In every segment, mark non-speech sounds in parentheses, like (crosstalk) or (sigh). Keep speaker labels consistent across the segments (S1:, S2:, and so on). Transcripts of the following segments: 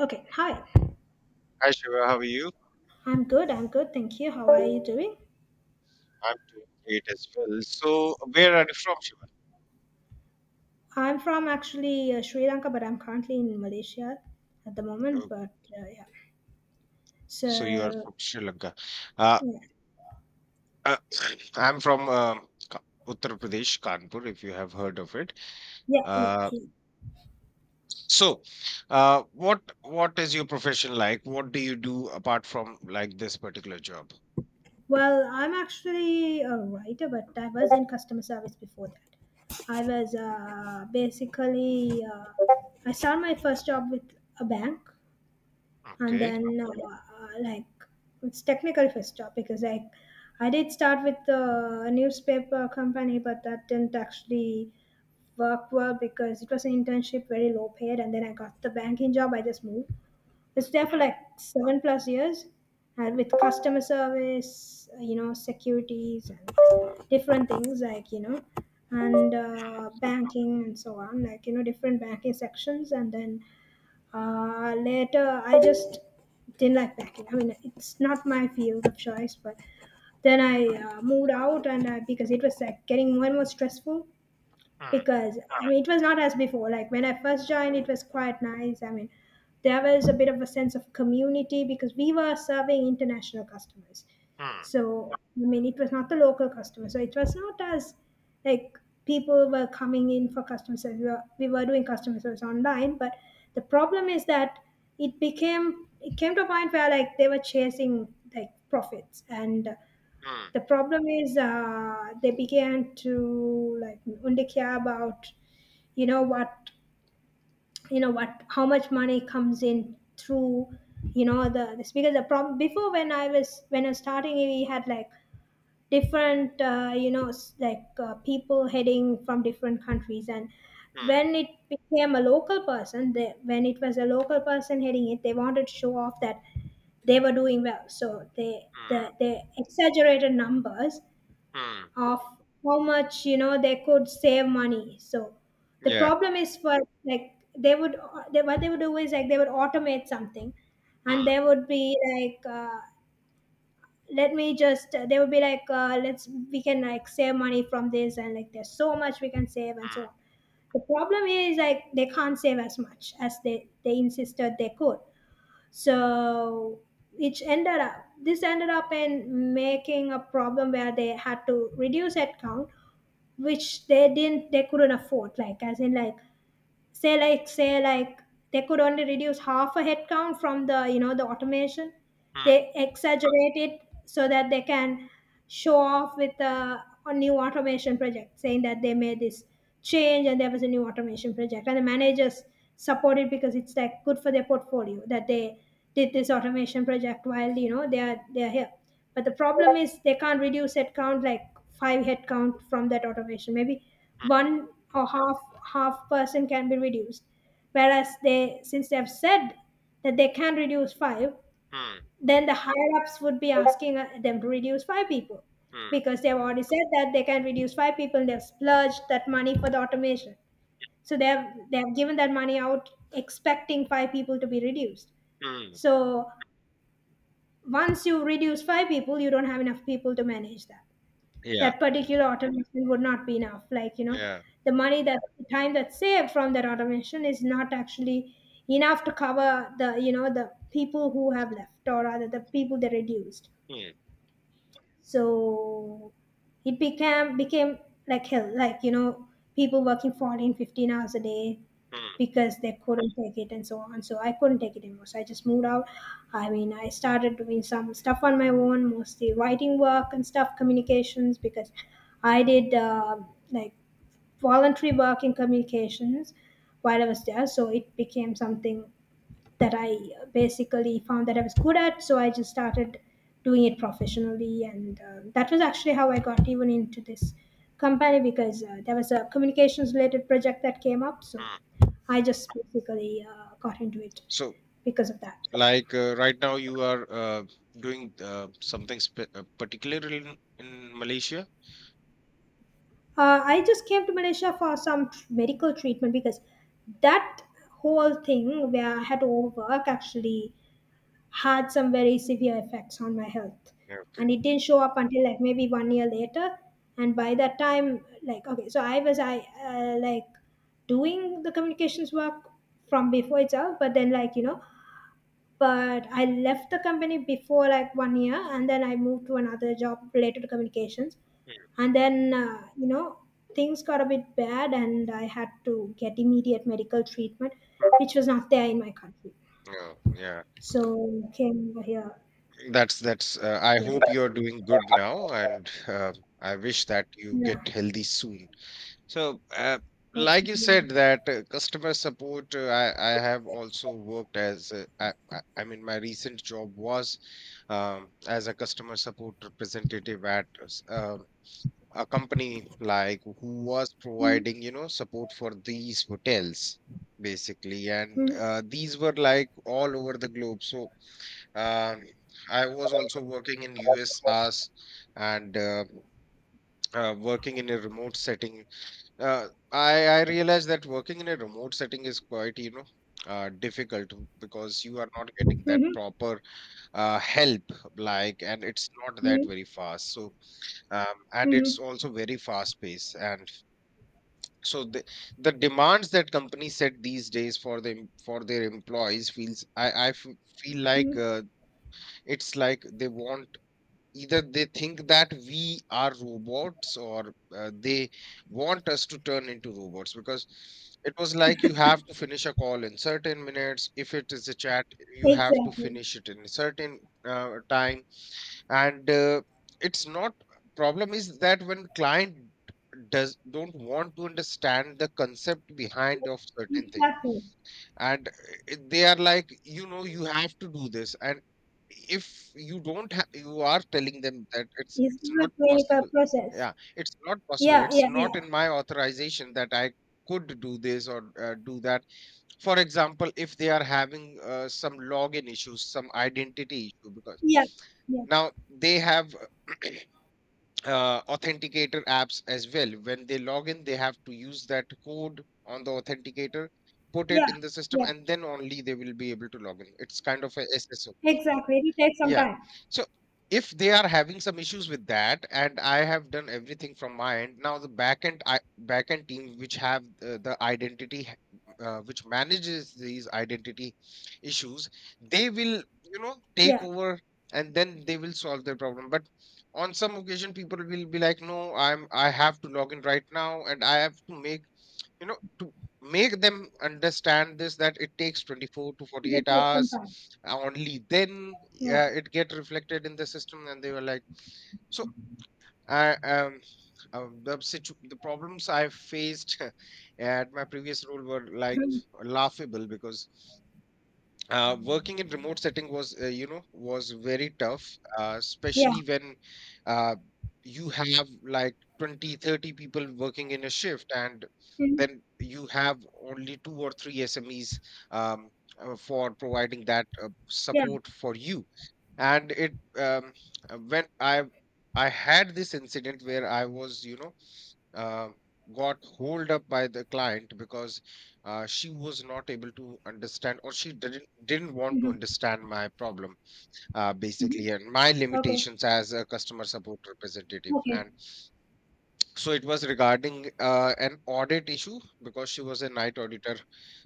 S1: Okay, hi.
S2: Hi Shiva, how are you?
S1: I'm good. I'm good. Thank you. How are you doing?
S2: I'm doing great as well. So, where are you from, Shiva?
S1: I'm from actually Sri Lanka, but I'm currently in Malaysia at the moment.
S2: Oh,
S1: But
S2: so, you are
S1: so
S2: from Sri Lanka. Uh,
S1: yeah,
S2: uh, (clears throat) I'm from Uttar Pradesh, Kanpur, if you have heard of it.
S1: yeah, yeah,
S2: Uh,
S1: yeah.
S2: so, what is your profession like? What do you do apart from like this particular job?
S1: Well, I'm actually a writer, but I was in customer service before that. I was basically I started my first job with a bank and
S2: Okay.
S1: then like it's technical first topic is like I did start with the newspaper company, but that didn't actually work well because it was an internship, very low paid. And then I got the banking job, I just moved, it's there for like seven plus years. And with customer service, you know, securities and different things like, you know, and banking and so on, like, you know, different banking sections. And then later, I just didn't like packing. I mean, it's not my field of choice, but then I moved out. And I, because it was like getting more and more stressful,
S2: Hmm,
S1: because I mean, it was not as before. Like when I first joined, it was quite nice. I mean, there was a bit of a sense of community because we were serving international customers.
S2: hmm,
S1: So I mean, it was not the local customer. So it was not as like people were coming in for customer service. We were doing customer service online, but the problem is that it came to a point where like they were chasing like profits. And
S2: hmm,
S1: the problem is they began to like only care about you know what, how much money comes in through, you know, the this because the problem before, when I was starting, we had like different you know people heading from different countries. And
S2: hmm,
S1: when it became a local person, when it was a local person heading it, they wanted to show off that they were doing well, so
S2: hmm,
S1: they exaggerated numbers
S2: hmm.
S1: of how much, you know, they could save money. So the
S2: Yeah.
S1: problem is for like they would, what they would do is like they would automate something,
S2: Hmm,
S1: and there would be like let me just they would be like let's, we can like save money from this, and like there's so much we can save and so
S2: hmm,
S1: on. The problem is like they can't save as much as they insisted they could. So it ended up this ended up in making a problem where they had to reduce headcount, which they couldn't afford. Like as in like say like, say like they could only reduce half a headcount from the, you know, the automation.
S2: hmm,
S1: They exaggerate it so that they can show off with a new automation project saying that they made this change and there was a new automation project. And the managers support it because it's like good for their portfolio that they did this automation project while, you know, they are here. But the problem is they can't reduce headcount like five headcount from that automation. Maybe one or half, half person can be reduced. Whereas, they since they have said that they can reduce five,
S2: hmm, hmm,
S1: then the higher ups would be asking them to reduce five people,
S2: hmm,
S1: because they have already said that they can reduce five people. And They've splurged that money for the automation, so they have given that money out expecting five people to be reduced.
S2: hmm.
S1: So once you reduce five people, you don't have enough people to manage that
S2: Yeah.
S1: that particular automation. Would not be enough, like, you know,
S2: Yeah.
S1: the time that's saved from that automation is not actually enough to cover the, you know, the people who have left, or rather the people that reduced.
S2: Hmm,
S1: So it became became like hell, like, you know, people working 14, 15 hours a day
S2: hmm,
S1: because they couldn't take it, and so on. So I couldn't take it anymore, so I just moved out. I mean, I started doing some stuff on my own, mostly writing work and stuff, communications, because I did like voluntary work in communications while I was there. So it became something that I basically found that I was good at. So I just started doing it professionally, and that was actually how I got even into this company, because there was a communications related project that came up. So
S2: hmm.
S1: I just basically got into it
S2: So,
S1: because of that.
S2: like right now, you are doing something particular in Malaysia.
S1: I just came to Malaysia for some medical treatment, because that whole thing where I had to overwork actually had some very severe effects on my health.
S2: Yeah,
S1: And
S2: okay.
S1: it didn't show up until like maybe 1 year later. And by that time, like, okay, so I like doing the communications work from before itself. But then, like, you know, but I left the company before like 1 year, and then I moved to another job related to communications. And then, you know, things got a bit bad and I had to get immediate medical treatment, which was not there in my country.
S2: Yeah, yeah.
S1: So came over here,
S2: That's that's. I
S1: get it.
S2: hope you're doing good now, and I wish that you
S1: Yeah,
S2: get healthy soon. So, like
S1: hopefully,
S2: you
S1: yeah.
S2: said, that customer support. I have also worked as. I mean, my recent job was as a customer support representative at uh, a company like who was
S1: Mhm,
S2: providing, you know, support for these hotels basically, and these were like all over the globe. So, um, I was also working in US as and working in a remote setting. Uh, i i realized that working in a remote setting is quite, you know, difficult, because you are not getting that
S1: mhm,
S2: proper help, like, and it's not that
S1: mhm,
S2: very fast. So, and it's
S1: mhm,
S2: also very fast paced. And so, the demands that companies set these days for them for their employees feels... feel like,
S1: mhm.
S2: it's like they want... either they think that we are robots, or they want us to turn into robots, because it was like you have to finish a call in certain minutes. If it is a chat, you have to
S1: Exactly,
S2: finish it in a certain time. And it's not... problem is that when client does don't want to understand the concept behind of certain thing.
S1: exactly.
S2: And they are like, you know, you have to do this. And if you don't ha- you are telling them that it's
S1: It's
S2: it's
S1: not
S2: not
S1: a clinical
S2: possible.
S1: process.
S2: Yeah, it's not possible,
S1: Yeah,
S2: it's
S1: yeah, yeah,
S2: not in my authorization that I could do this or do that. For example, if they are having some login issues, some identity issue, because
S1: yeah, yeah,
S2: now they have (clears throat) authenticator apps as well. When they log in, they have to use that code on the authenticator, put
S1: yeah,
S2: it in the system,
S1: yeah.
S2: and then only they will be able to log in. It's kind of a SSO.
S1: Exactly. It will take some
S2: Yeah.
S1: time.
S2: So if they are having some issues with that, and I have done everything from my end, now the backend... I backend team which have the identity, which manages these identity issues, they will, you know, take
S1: Yeah,
S2: over, and then they will solve their problem. But on some occasion, people will be like, "No, I have to log in right now, and I have to make, you know, to make them understand this, that it takes 24 to
S1: it
S2: 48
S1: will take some
S2: hours,
S1: time.
S2: only then
S1: Yeah,
S2: it get reflected in the system." And they were like... so, i um the problems I faced (laughs) at my previous role were like
S1: mhm.
S2: laughable, because working in remote setting was, you know, was very tough,
S1: Yeah,
S2: especially when, uh, you have like 20, 30 people working in a shift, and
S1: mhm.
S2: then you have only two or three SMEs, um, for providing that,
S1: Yeah.
S2: support for you. And it... when I had this incident where I was, you know, uh, got hold up by the client, because she was not able to understand, or she didn't want to
S1: Mhm.
S2: understand my problem,
S1: Mhm.
S2: basically, and my
S1: Okay,
S2: limitations as a customer support representative.
S1: okay,
S2: And so it was regarding an audit issue because she was a night auditor.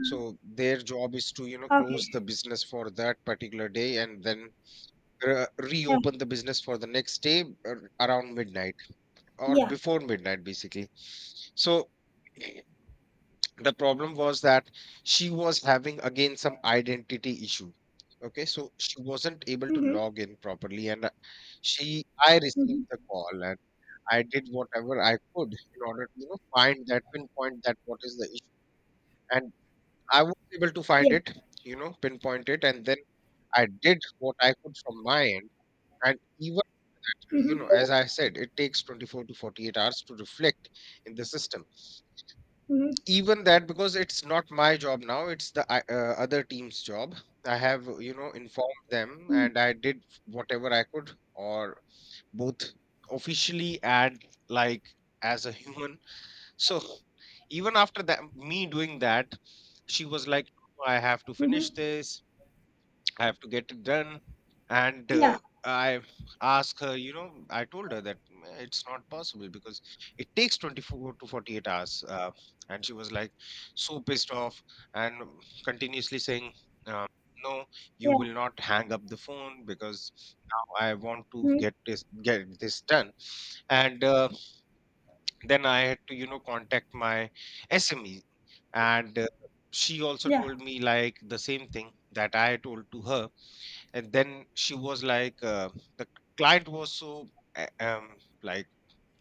S2: So their job is to, you know, close
S1: okay.
S2: the business for that particular day, and then
S1: Yeah,
S2: reopen the business for the next day, around midnight or
S1: yeah.
S2: before midnight basically. So, (clears throat) the problem was that she was having again some identity issue. Okay, so she wasn't able to
S1: Mhm,
S2: log in properly, and she I
S1: mhm,
S2: received the call, and I did whatever I could in order to, you know, find that... pinpoint that what is the issue. And I was able to find
S1: yeah.
S2: it, you know, pinpoint it, and then I did what I could from my end. And even, you
S1: Mhm,
S2: know, as I said, it takes 24 to 48 hours to reflect in the system.
S1: mhm,
S2: Even that, because it's not my job, now it's the other team's job. I have, you know, informed them,
S1: mhm,
S2: and I did whatever I could, or both officially and, like, as a human. (laughs) So even after that, me doing that, she was like, "No, I have to
S1: mhm.
S2: finish this. I have to get it done." And
S1: Yeah,
S2: I asked her, you know, I told her that, "Mm, it's not possible because it takes 24 to 48 hours." And she was like so pissed off, and, continuously saying, uh, "No, you
S1: yeah.
S2: will not hang up the phone because now I want to
S1: Mhm.
S2: get this done." And then I had to, you know, contact my SME. And she also
S1: Yeah,
S2: told me like the same thing that I told to her. And then she was like, the client was so, uh, um like,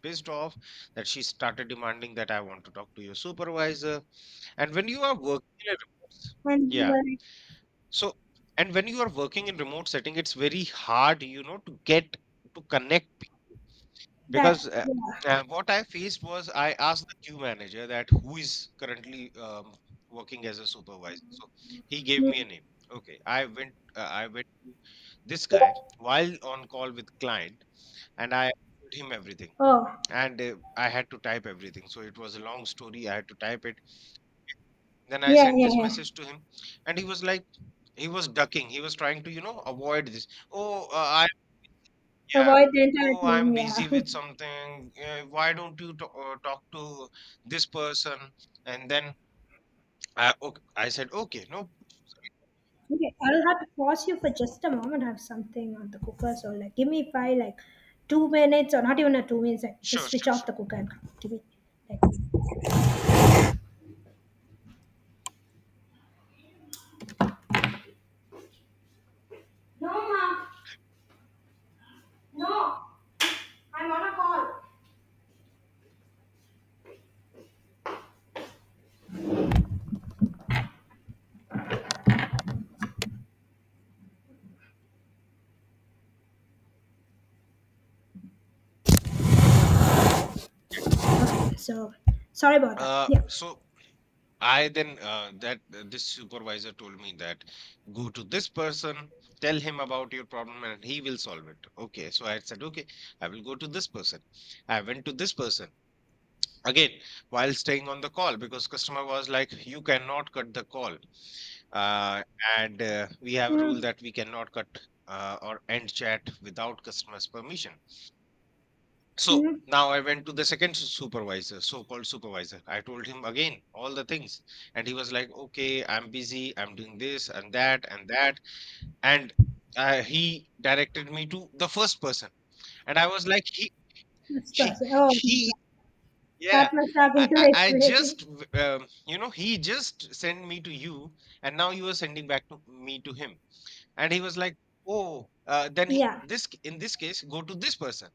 S2: pissed off, that she started demanding that, "I want to talk to your supervisor." And when you are working in a
S1: and you
S2: yeah.
S1: were like
S2: So, and when you are working in remote setting, it's very hard, you know, to get... to connect. Because
S1: that. Yeah.
S2: what I faced was, I asked the queue manager that who is currently, working as a supervisor. So he gave me a
S1: Mm.
S2: name. Okay, I went. I went to this guy while on call with client, and I told him everything.
S1: Oh,
S2: And I had to type everything, so it was a long story. I had to type it. Then I
S1: yeah,
S2: sent
S1: yeah,
S2: this
S1: yeah.
S2: message to him, and he was like... he was ducking. He was trying to, you know, avoid this. Oh, yeah.
S1: Avoid the entire
S2: "Oh, I'm
S1: thing.
S2: busy
S1: Yeah.
S2: with
S1: (laughs)
S2: something. Why don't you talk to this person?" And then I... okay, I said, okay, no,
S1: Okay, I'll have to pause you for just a moment. I have something on the cooker, so like, give me five, like, 2 minutes, or not even a 2 minutes. Like, just
S2: sure,
S1: switch
S2: sure,
S1: off the
S2: sure.
S1: cooker and come. Give me like. No, I'm on a call. Okay, so sorry about
S2: Yeah.
S1: that. Yeah.
S2: So I then, that this supervisor told me that go to this person, tell him about your problem, and he will solve it. Okay, so I said, okay, I will go to this person. I went to this person again while staying on the call, because customer was like, you cannot cut the call. Uh, and we have a rule
S1: Mm,
S2: that we cannot cut, or end chat without customer's permission. So
S1: mm,
S2: now I went to the second supervisor, so-called supervisor. I told him again all the things, and he was like, "Okay, I'm busy. I'm doing this and that and that." And he directed me to the first person, and I was like,
S1: that's
S2: he,
S1: perfect. Oh, my
S2: he...
S1: God.
S2: yeah."
S1: That must have
S2: I,
S1: been (laughs)
S2: I
S1: like
S2: I just,
S1: crazy.
S2: you know, he just sent me to you, and now you are sending back to me to him. And he was like, "Oh, then he...
S1: Yeah,
S2: in this case, go to this person."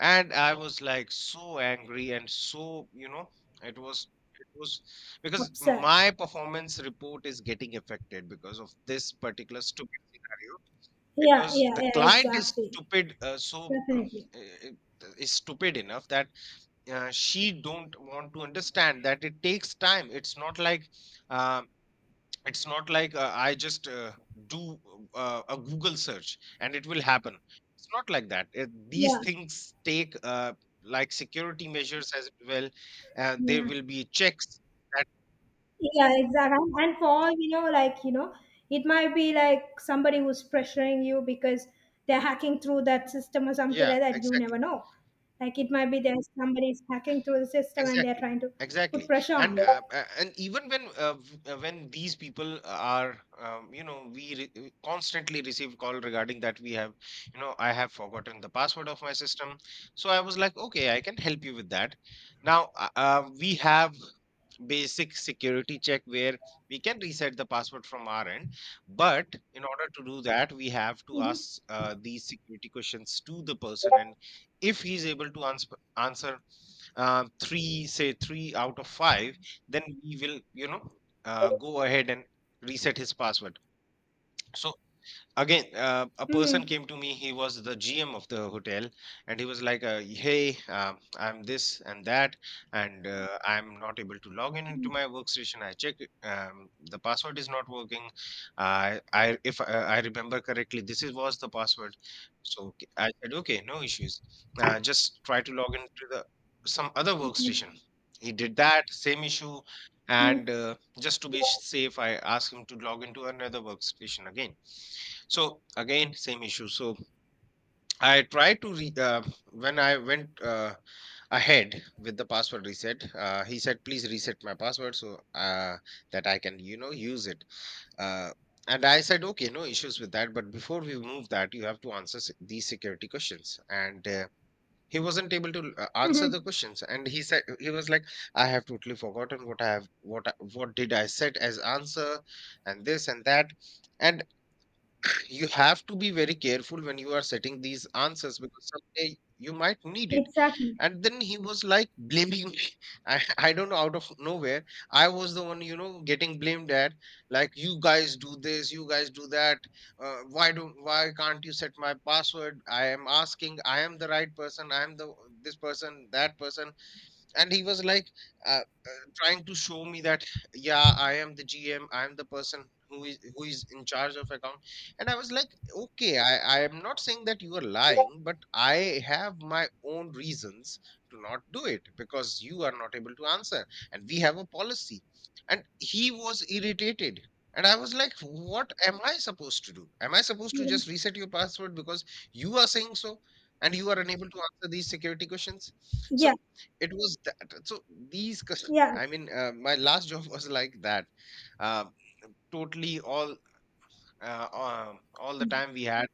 S2: And I was like so angry, and so... you know, it was it was because
S1: absurd.
S2: my performance report is getting affected because of this particular stupid scenario,
S1: Yeah,
S2: because
S1: yeah,
S2: the
S1: yeah,
S2: client is
S1: exactly.
S2: stupid. So,
S1: Definitely.
S2: is stupid enough that, she don't want to understand that it takes time. It's not like, uh, I just do a Google search and it will happen. It's not like that. It... these
S1: Yeah,
S2: things take, like, security measures as well. There
S1: yeah,
S2: will be checks. That,
S1: yeah, exactly. And for all you know, like, you know, it might be like somebody who's pressuring you because they're hacking through that system or something
S2: yeah,
S1: like that. You
S2: exactly.
S1: never know. Like, it might be there's somebody's hacking through the system and they're
S2: Exactly,
S1: trying to put
S2: exactly.
S1: pressure
S2: And
S1: on you.
S2: even when, when these people are, you know, we constantly receive call regarding that we have, you know, I have forgotten the password of my system, so I was like, okay, I can help you with that. Now we have basic security check where we can reset the password from our end, but in order to do that we have to
S1: Mm-hmm.
S2: ask these security questions to the person. And if he's able to answer three, say three out of five, then we will go ahead and reset his password. So again, a person
S1: Mm-hmm.
S2: came to me. He was the gm of the hotel and he was like, hey, I'm this and that, and I'm not able to log in into
S1: Yeah,
S2: my workstation. I check it, the password is not working. I if I remember correctly, this is was the password. So I said, okay, no issues, just try to log into the some other workstation.
S1: okay.
S2: He did that, same issue. and
S1: Mm-hmm,
S2: uh, just to be safe, I asked him to log into another workstation again. So again, same issue. So I tried to when I went ahead with the password reset, he said, please reset my password so uh, that I can, you know, use it. uh, and I said, okay, no issues with that, but before we move that, you have to answer these security questions. And he wasn't able to answer
S1: mm-hmm.
S2: the questions, and he said, he was like, I have totally forgotten what I have, what what did I said as answer, and this and that. And you have to be very careful when you are setting these answers, because someday you might need it.
S1: Exactly.
S2: And then he was like blaming me. (laughs) I don't know, out of nowhere. I was the one, you know, getting blamed at, like, you guys do this, you guys do that. Why don't, why can't you set my password? I am asking, I am the right person, I am the this person, that person. And he was like, trying to show me that, yeah, I am the gm, I am the person who is, who is in charge of account. And I was like, okay, I am not saying that you are lying, but I have my own reasons to not do it, because you are not able to answer, and we have a policy. And he was irritated, and I was like, what am I supposed to do? Am I supposed to
S1: Mhm.
S2: just reset your password because you are saying so, and you are unable to answer these security questions? So
S1: Yeah,
S2: it was that. So these, cus-
S1: yeah,
S2: I mean, my last job was like that. Um, Totally all the time we had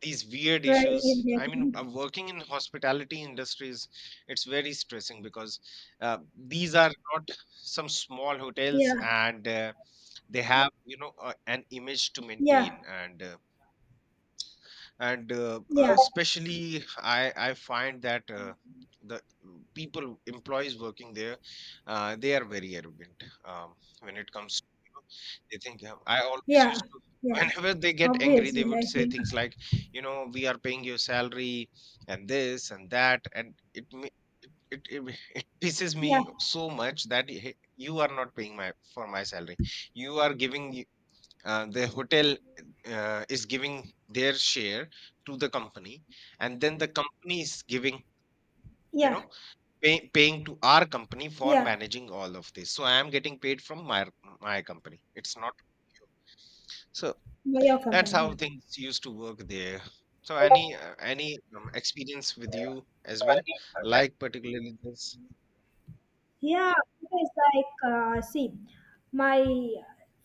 S2: these weird
S1: very
S2: issues. I mean,
S1: irritating.
S2: working in hospitality industries, it's very stressing because uh, these are not some small hotels,
S1: Yeah,
S2: and they have, you know, an image to
S1: yeah,
S2: maintain and.
S1: yeah.
S2: Especially I find that the people, employees working there, they are very arrogant, when it comes to, you know, they think, I always
S1: Yeah,
S2: used to (laughs)
S1: yeah.
S2: whenever they get angry, they
S1: Obviously,
S2: would
S1: I
S2: say
S1: think.
S2: things like, you know, we are paying your salary and this and that. And it ma- it, (laughs) it pisses me
S1: Yeah,
S2: so much that, "Hey, you are not paying my for my salary, you are giving the hotel, is giving their share to the company, and then the company is giving, you
S1: yeah,
S2: know, paying to our company for
S1: yeah.
S2: managing all of this. So I am getting paid from my company. It's not. So
S1: My your
S2: that's
S1: company.
S2: how things used to work there. So
S1: Yeah,
S2: any experience with you as well, like particularly this.
S1: yeah. It's like see, my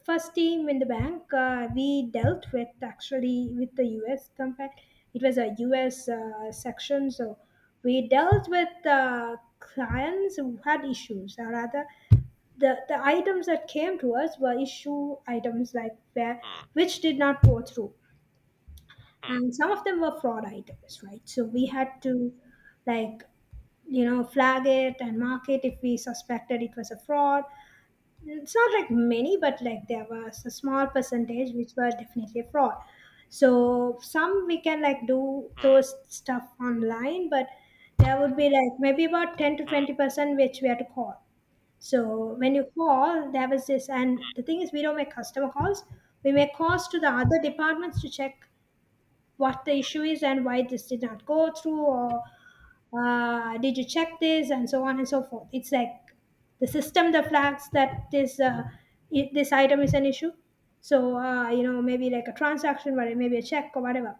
S1: first team in the bank, we dealt with actually with the U.S. company. It was a U.S. Section. So we dealt with clients who had issues, or rather, the items that came to us were issue items, like where
S2: Hmm,
S1: which did not go through.
S2: hmm,
S1: And some of them were fraud items, right? So we had to, like, you know, flag it and mark it if we suspected it was a fraud. It's not like many, but like there was a small percentage which were definitely a fraud. So some we can like do
S2: hmm,
S1: those stuff online, but there would be like maybe about 10 to
S2: hmm,
S1: 20% which we had to call. So when you call, there was this. And the thing is, we don't make customer calls, we make calls to the other departments to check what the issue is and why this did not go through, or did you check this, and so on and so forth. It's like the system that flags that this this item is an issue. So you know, maybe like a transaction or maybe a check or whatever.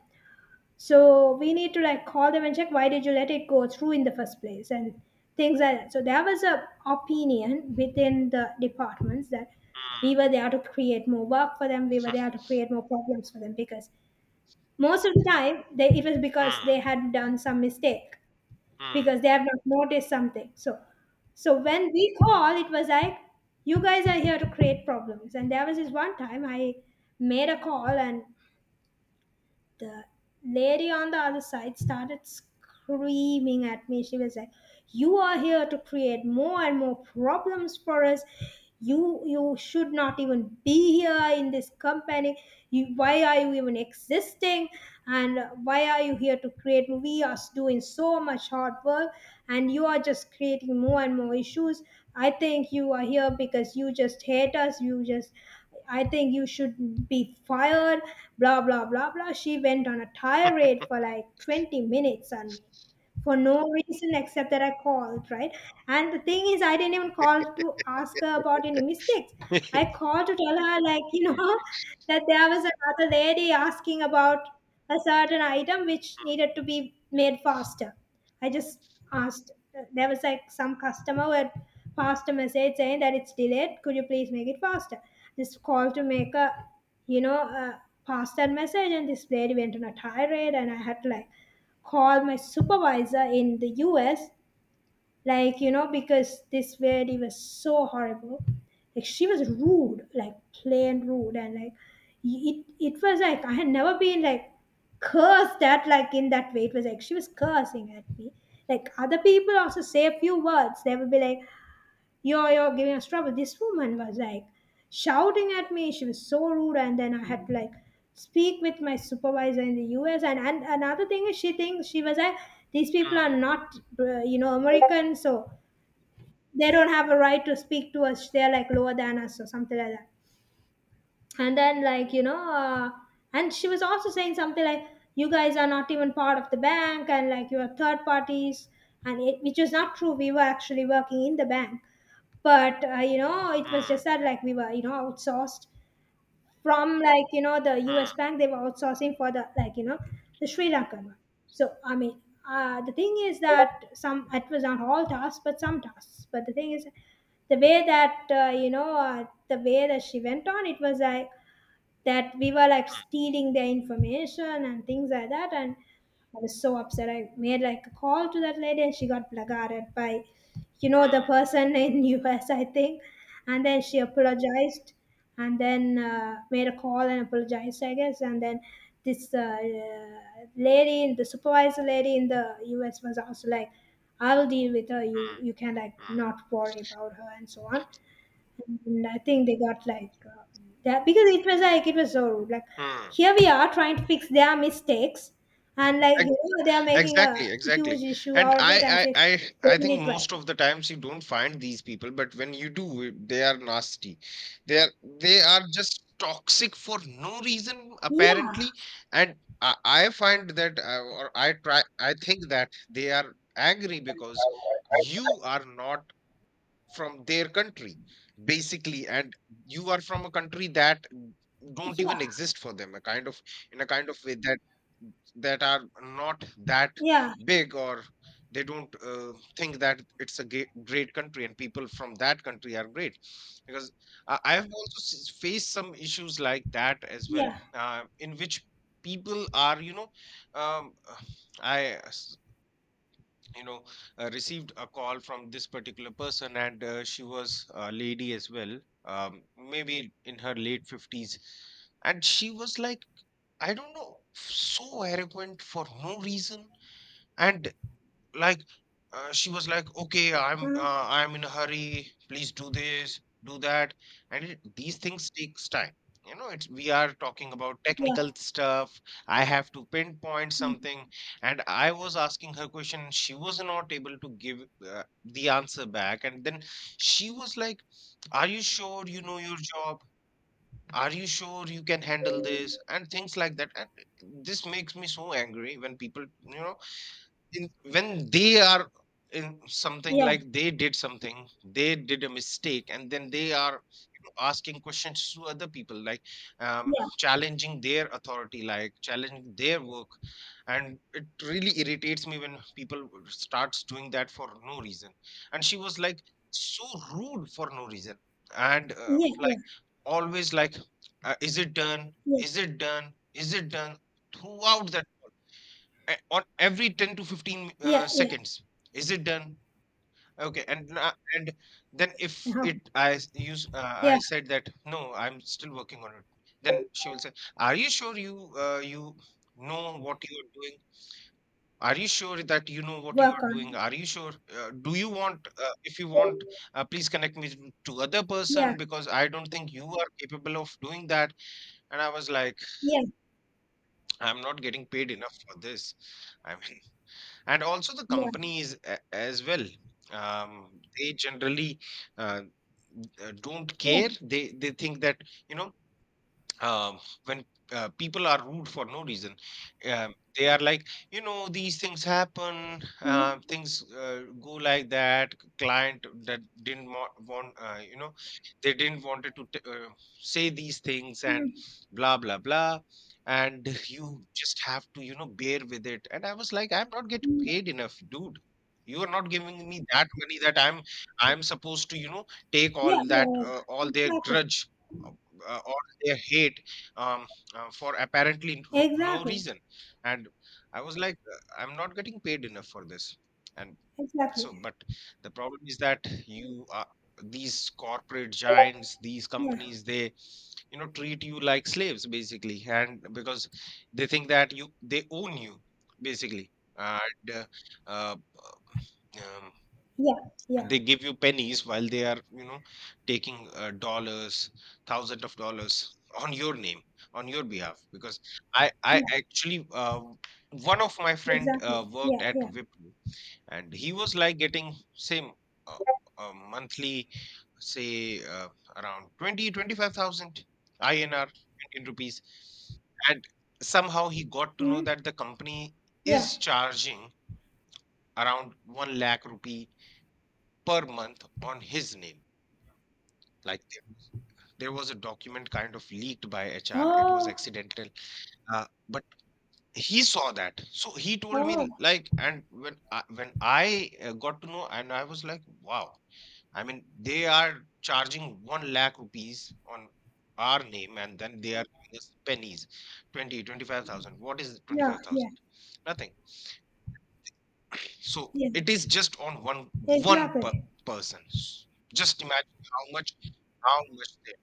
S1: So we need to like call them and check, why did you let it go through in the first place, and things like that. So there was a opinion within the departments that
S2: hmm,
S1: we were there to create more work for them, we were there to create more problems for them, because most of the time they it was because
S2: hmm,
S1: they had done some mistake,
S2: hmm,
S1: because they have not noticed something. So so when we call, it was like, you guys are here to create problems. And there was this one time I made a call, and the lady on the other side started screaming at me. She was like, "You are here to create more and more problems for us. You should not even be here in this company. You, why are you even existing? And why are you here to create? We are doing so much hard work, and you are just creating more and more issues. I think you are here because you just hate us. You just I think you should be fired, blah, blah, blah, blah." She went on a tirade for like 20 minutes on me for no reason except that I called, right? And the thing is, I didn't even call to ask her about any mistakes.
S2: hmm, (laughs)
S1: I called to tell her,
S2: hmm,
S1: (laughs) that there was another lady asking about a certain item which needed to be made faster. I just asked, there was like some customer who had passed a message saying that it's delayed. Could you please make it faster? This call to make a, you know, uh, pass that message, and this lady went on a tirade, and I had to like call my supervisor in the US, like, you know, because this lady was so horrible, like, she was rude, like plain rude. And like it was like I had never been like cursed at like in that way. It was like she was cursing at me. Like other people also say a few words, they will be like, You're giving us trouble." This woman was like shouting at me. She was so rude, and then I had to like speak with my supervisor in the US. And another thing is she thinks, she was like, these people are
S2: hmm,
S1: not you know, American, so they don't have a right to speak to us. They're like lower than us or something like that. And then, like, and she was also saying something like, "You guys are not even part of the bank, and like you are third parties," and it, which was not true. We were actually working in the bank, but you know, it was just
S2: hmm,
S1: that like we were, you know, outsourced from, like, you know, the
S2: hmm,
S1: US bank. They were outsourcing for the, like, you know, the Sri Lankan one. So I mean the thing is that some, it was not all tasks but some tasks. But the thing is, the way that the way that she went on, it was like that we were like
S2: hmm,
S1: stealing their information and things like that. And I was so upset, I made like a call to that lady, and she got blackguarded by, you know, the
S2: hmm.
S1: person in (laughs) US, I think. And then she apologized, and then made a call and apologized, I guess. And then this lady, the supervisor lady in the US, was also like, "I'll deal with her. you
S2: Mm,
S1: you can like
S2: mm,
S1: not worry about her," and so on. And I think they got like that, because it was like it was so rude. Like
S2: mm.
S1: here we are trying to fix their mistakes, and like,
S2: Ex-
S1: you know, they are making
S2: Exactly,
S1: a
S2: exactly.
S1: huge issue
S2: And
S1: out of it as
S2: I,
S1: if
S2: I,
S1: they
S2: I, I think
S1: did it right.
S2: most of the times you don't find these people, but when you do, they are nasty. They are, they are just toxic for no reason,
S1: Yeah,
S2: apparently. And I find that, or I try, I think that they are angry because you are not from their country, basically, and you are from a country that don't even
S1: yeah,
S2: exist for them, a kind of, in a kind of way that that are not that
S1: yeah,
S2: big, or they don't think that it's a great country and people from that country are great. Because I have also faced some issues like that as well,
S1: yeah,
S2: in which people are, you know, um, uh, i you know received a call from this particular person, and she was a lady as well, maybe in her late 50s, and she was like, I don't know, so arrogant for no reason. And like, she was like, okay,
S1: uh-huh.
S2: I'm in a hurry, please do this, do that. And it, these things takes time, you know, it's, we are talking about
S1: Yeah,
S2: technical stuff. I have to pinpoint something, and I was asking her question, she was not able to give the answer back. And then she was like, are you sure you know your job? Are you sure you can handle this? And things like that. And this makes me so angry when people, you know, in when they are in something,
S1: yeah,
S2: like they did something, they did a mistake, and then they are, you know, asking questions to other people, like,
S1: yeah,
S2: challenging their authority, like challenging their work. And it really irritates me when people would starts doing that for no reason. And she was like so rude for no reason. And
S1: yeah,
S2: like, always like, is it done,
S1: yeah,
S2: is it done, is it done, throughout the on every 10 to 15
S1: yeah, yeah, yeah.
S2: seconds, is it done, okay. And and then if
S1: Uh-huh.
S2: it I s- use
S1: Yeah,
S2: I said that, no, I'm still working on it. Then she will say, are you sure you you know what you are doing? Are you sure that you know what you
S1: work
S2: are doing?
S1: on
S2: Are you sure do you want, if you want
S1: it.
S2: please connect me to other
S1: Yeah,
S2: person, because I don't think you are capable of doing that. And I was like,
S1: yeah,
S2: I'm not getting paid enough for this, I mean. And also the
S1: yeah,
S2: companies as well, they generally uh, don't
S1: yeah,
S2: care. They think that, you know, um, when people are rude for no reason, they are like, you know, these things happen,
S1: mm-hmm.
S2: things go like that. Client that didn't want, you know, they didn't wanted to say these things, and
S1: Mm-hmm.
S2: blah, blah, blah. And (laughs) you just have to, you know, bear with it. And I was like, I'm not getting paid enough, dude. You are not giving me that money that I'm supposed to, you know, take
S1: Yeah,
S2: all
S1: yeah,
S2: that, all
S1: yeah.
S2: their
S1: Exactly,
S2: grudge, uh, their hate, um, for apparently no
S1: exactly,
S2: reason. And I was like, I'm not getting paid enough for this. And so,
S1: exactly.
S2: but the problem is that you are, these corporate giants, these
S1: Yeah.
S2: companies, they, you know, treat you like slaves, basically. And because they think that you they own you, basically. And uh, um,
S1: Yeah, yeah,
S2: they give you pennies while they are, you know, taking dollars, thousands of dollars, on your name, on your behalf. Because I
S1: yeah,
S2: actually, one of my friend
S1: exactly.
S2: worked
S1: Yeah,
S2: at
S1: yeah.
S2: Wipro, and he was like getting same uh, monthly, say around 20, 25,000 inr, Indian rupees. And somehow he got to know
S1: Hmm.
S2: that the company
S1: Yeah.
S2: is charging around 1 lakh rupee per month on his name. Like there was a document kind of leaked by HR. It was
S1: Oh,
S2: accidental, but he saw that. So he told me,
S1: oh,
S2: like, and when when I got to know, and I was like, wow. I mean, they are charging one lakh rupees on our name, and then they are giving us pennies, 20, 25,000. What is
S1: yeah,
S2: 25,000?
S1: yeah,
S2: Nothing. So
S1: yeah,
S2: it is just on one, one per
S1: exactly.
S2: person. Just imagine how much, how much they,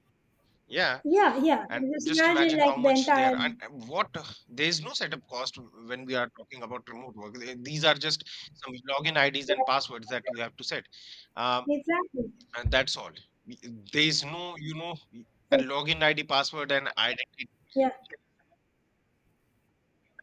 S2: yeah.
S1: Yeah, yeah.
S2: And
S1: Just
S2: just
S1: imagine
S2: imagine
S1: like
S2: how
S1: the
S2: much they
S1: entire,
S2: are, and what, there is no setup cost when we are talking about remote work. These are just some login IDs and passwords that you have to set, um,
S1: exactly.
S2: and that's all. Y- There is no, you know, y- and login ID, password, and identity.
S1: Yeah.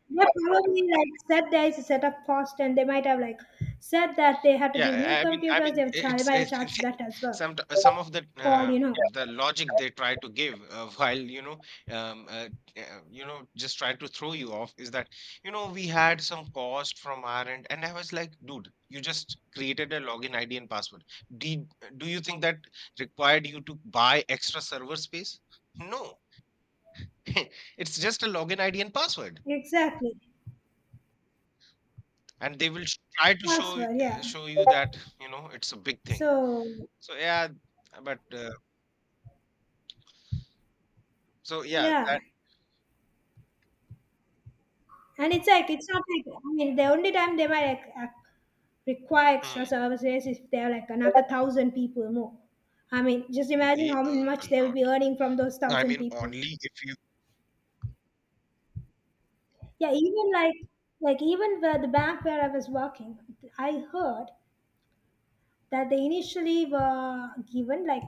S1: They probably like said there is a setup cost, and they might have like said that they had to
S2: Yeah,
S1: give new
S2: I
S1: computers,
S2: mean,
S1: have char- they might have
S2: it's
S1: charged for that
S2: (laughs)
S1: as well.
S2: some of
S1: For all you know.
S2: the logic they try to give (laughs) while, um, uh, you know, just try to throw you off, is that, you know, we had some cost from our end. And I was like, dude, you just created a login ID and password. Did, do you think that required you to buy extra server space? No, (laughs) it's just a login ID and password,
S1: Exactly.
S2: and they will try to
S1: Password, yeah.
S2: show you that, you know, it's a big thing.
S1: So,
S2: So yeah, but so yeah,
S1: yeah.
S2: that.
S1: And it's like it's not like, I mean, the only time they might like, ac- require
S2: Mm.
S1: extra services is if they're like another thousand people more. I mean, just imagine
S2: They
S1: how
S2: earn a
S1: much they will
S2: lot.
S1: be earning from those
S2: I
S1: thousand
S2: mean,
S1: people.
S2: only if you.
S1: Yeah, even like even where the bank where I was working, I heard that they initially were given like,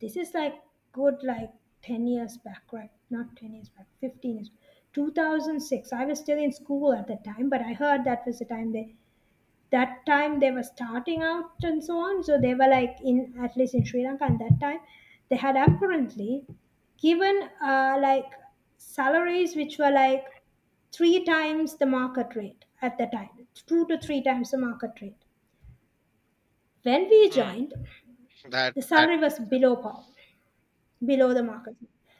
S1: this is like good like 10 years back, right? Not 10 years back, 15 years. 2006 I was still in school at the time, but I heard that was the time they that time they were starting out and so on. So they were like in, at least in Sri Lanka at that time, they had apparently given like salaries which were like three times the market rate at the time, two to three times the market rate. When we
S2: Mm.
S1: joined, the
S2: That.
S1: salary was below par, below the market.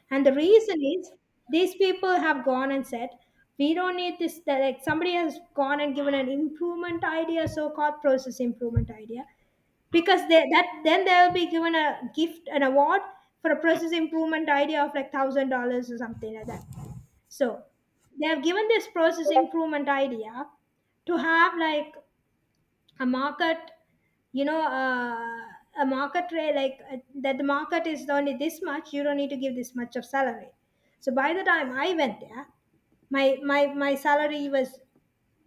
S1: And the reason is these people have gone and said, we don't need this, that like somebody has gone and given an
S2: Hmm.
S1: improvement idea, so called process improvement idea, because they, that then they'll be given a gift, an award for a
S2: Hmm.
S1: process improvement idea of like $1,000 or something like that. So they have given this process improvement idea to have like a market, you know uh, a market rate, like, that the market is only this much, you don't need to give this much of salary. So by the time I went there, my salary was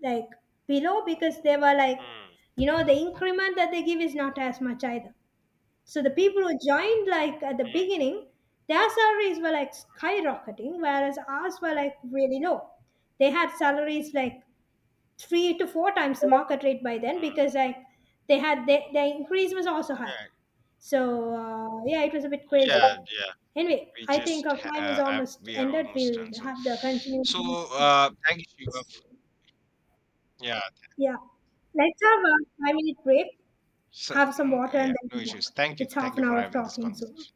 S1: like below, because they were like,
S2: Hmm.
S1: you know, the increment that they give is not as much either. So the people who joined like at the beginning, their salaries were like skyrocketing, whereas ours were like really low. They had salaries like three to four times the market rate by then,
S2: Mm.
S1: because like their increase was also high.
S2: Yeah,
S1: So yeah, it was a bit crazy.
S2: yeah, yeah.
S1: Anyway,
S2: We
S1: I think
S2: just
S1: our time is almost
S2: we are
S1: ended.
S2: almost
S1: We'll
S2: done. So
S1: have the continuing.
S2: so, thank you, Shiva. Yeah.
S1: Yeah, let's have a 5 minute break,
S2: So
S1: have
S2: (laughs)
S1: some
S2: mm,
S1: water,
S2: yeah,
S1: and then
S2: no
S1: come
S2: issues.
S1: back. It's
S2: Thank
S1: half an
S2: you for
S1: hour of
S2: having this
S1: talking, so
S2: conversation.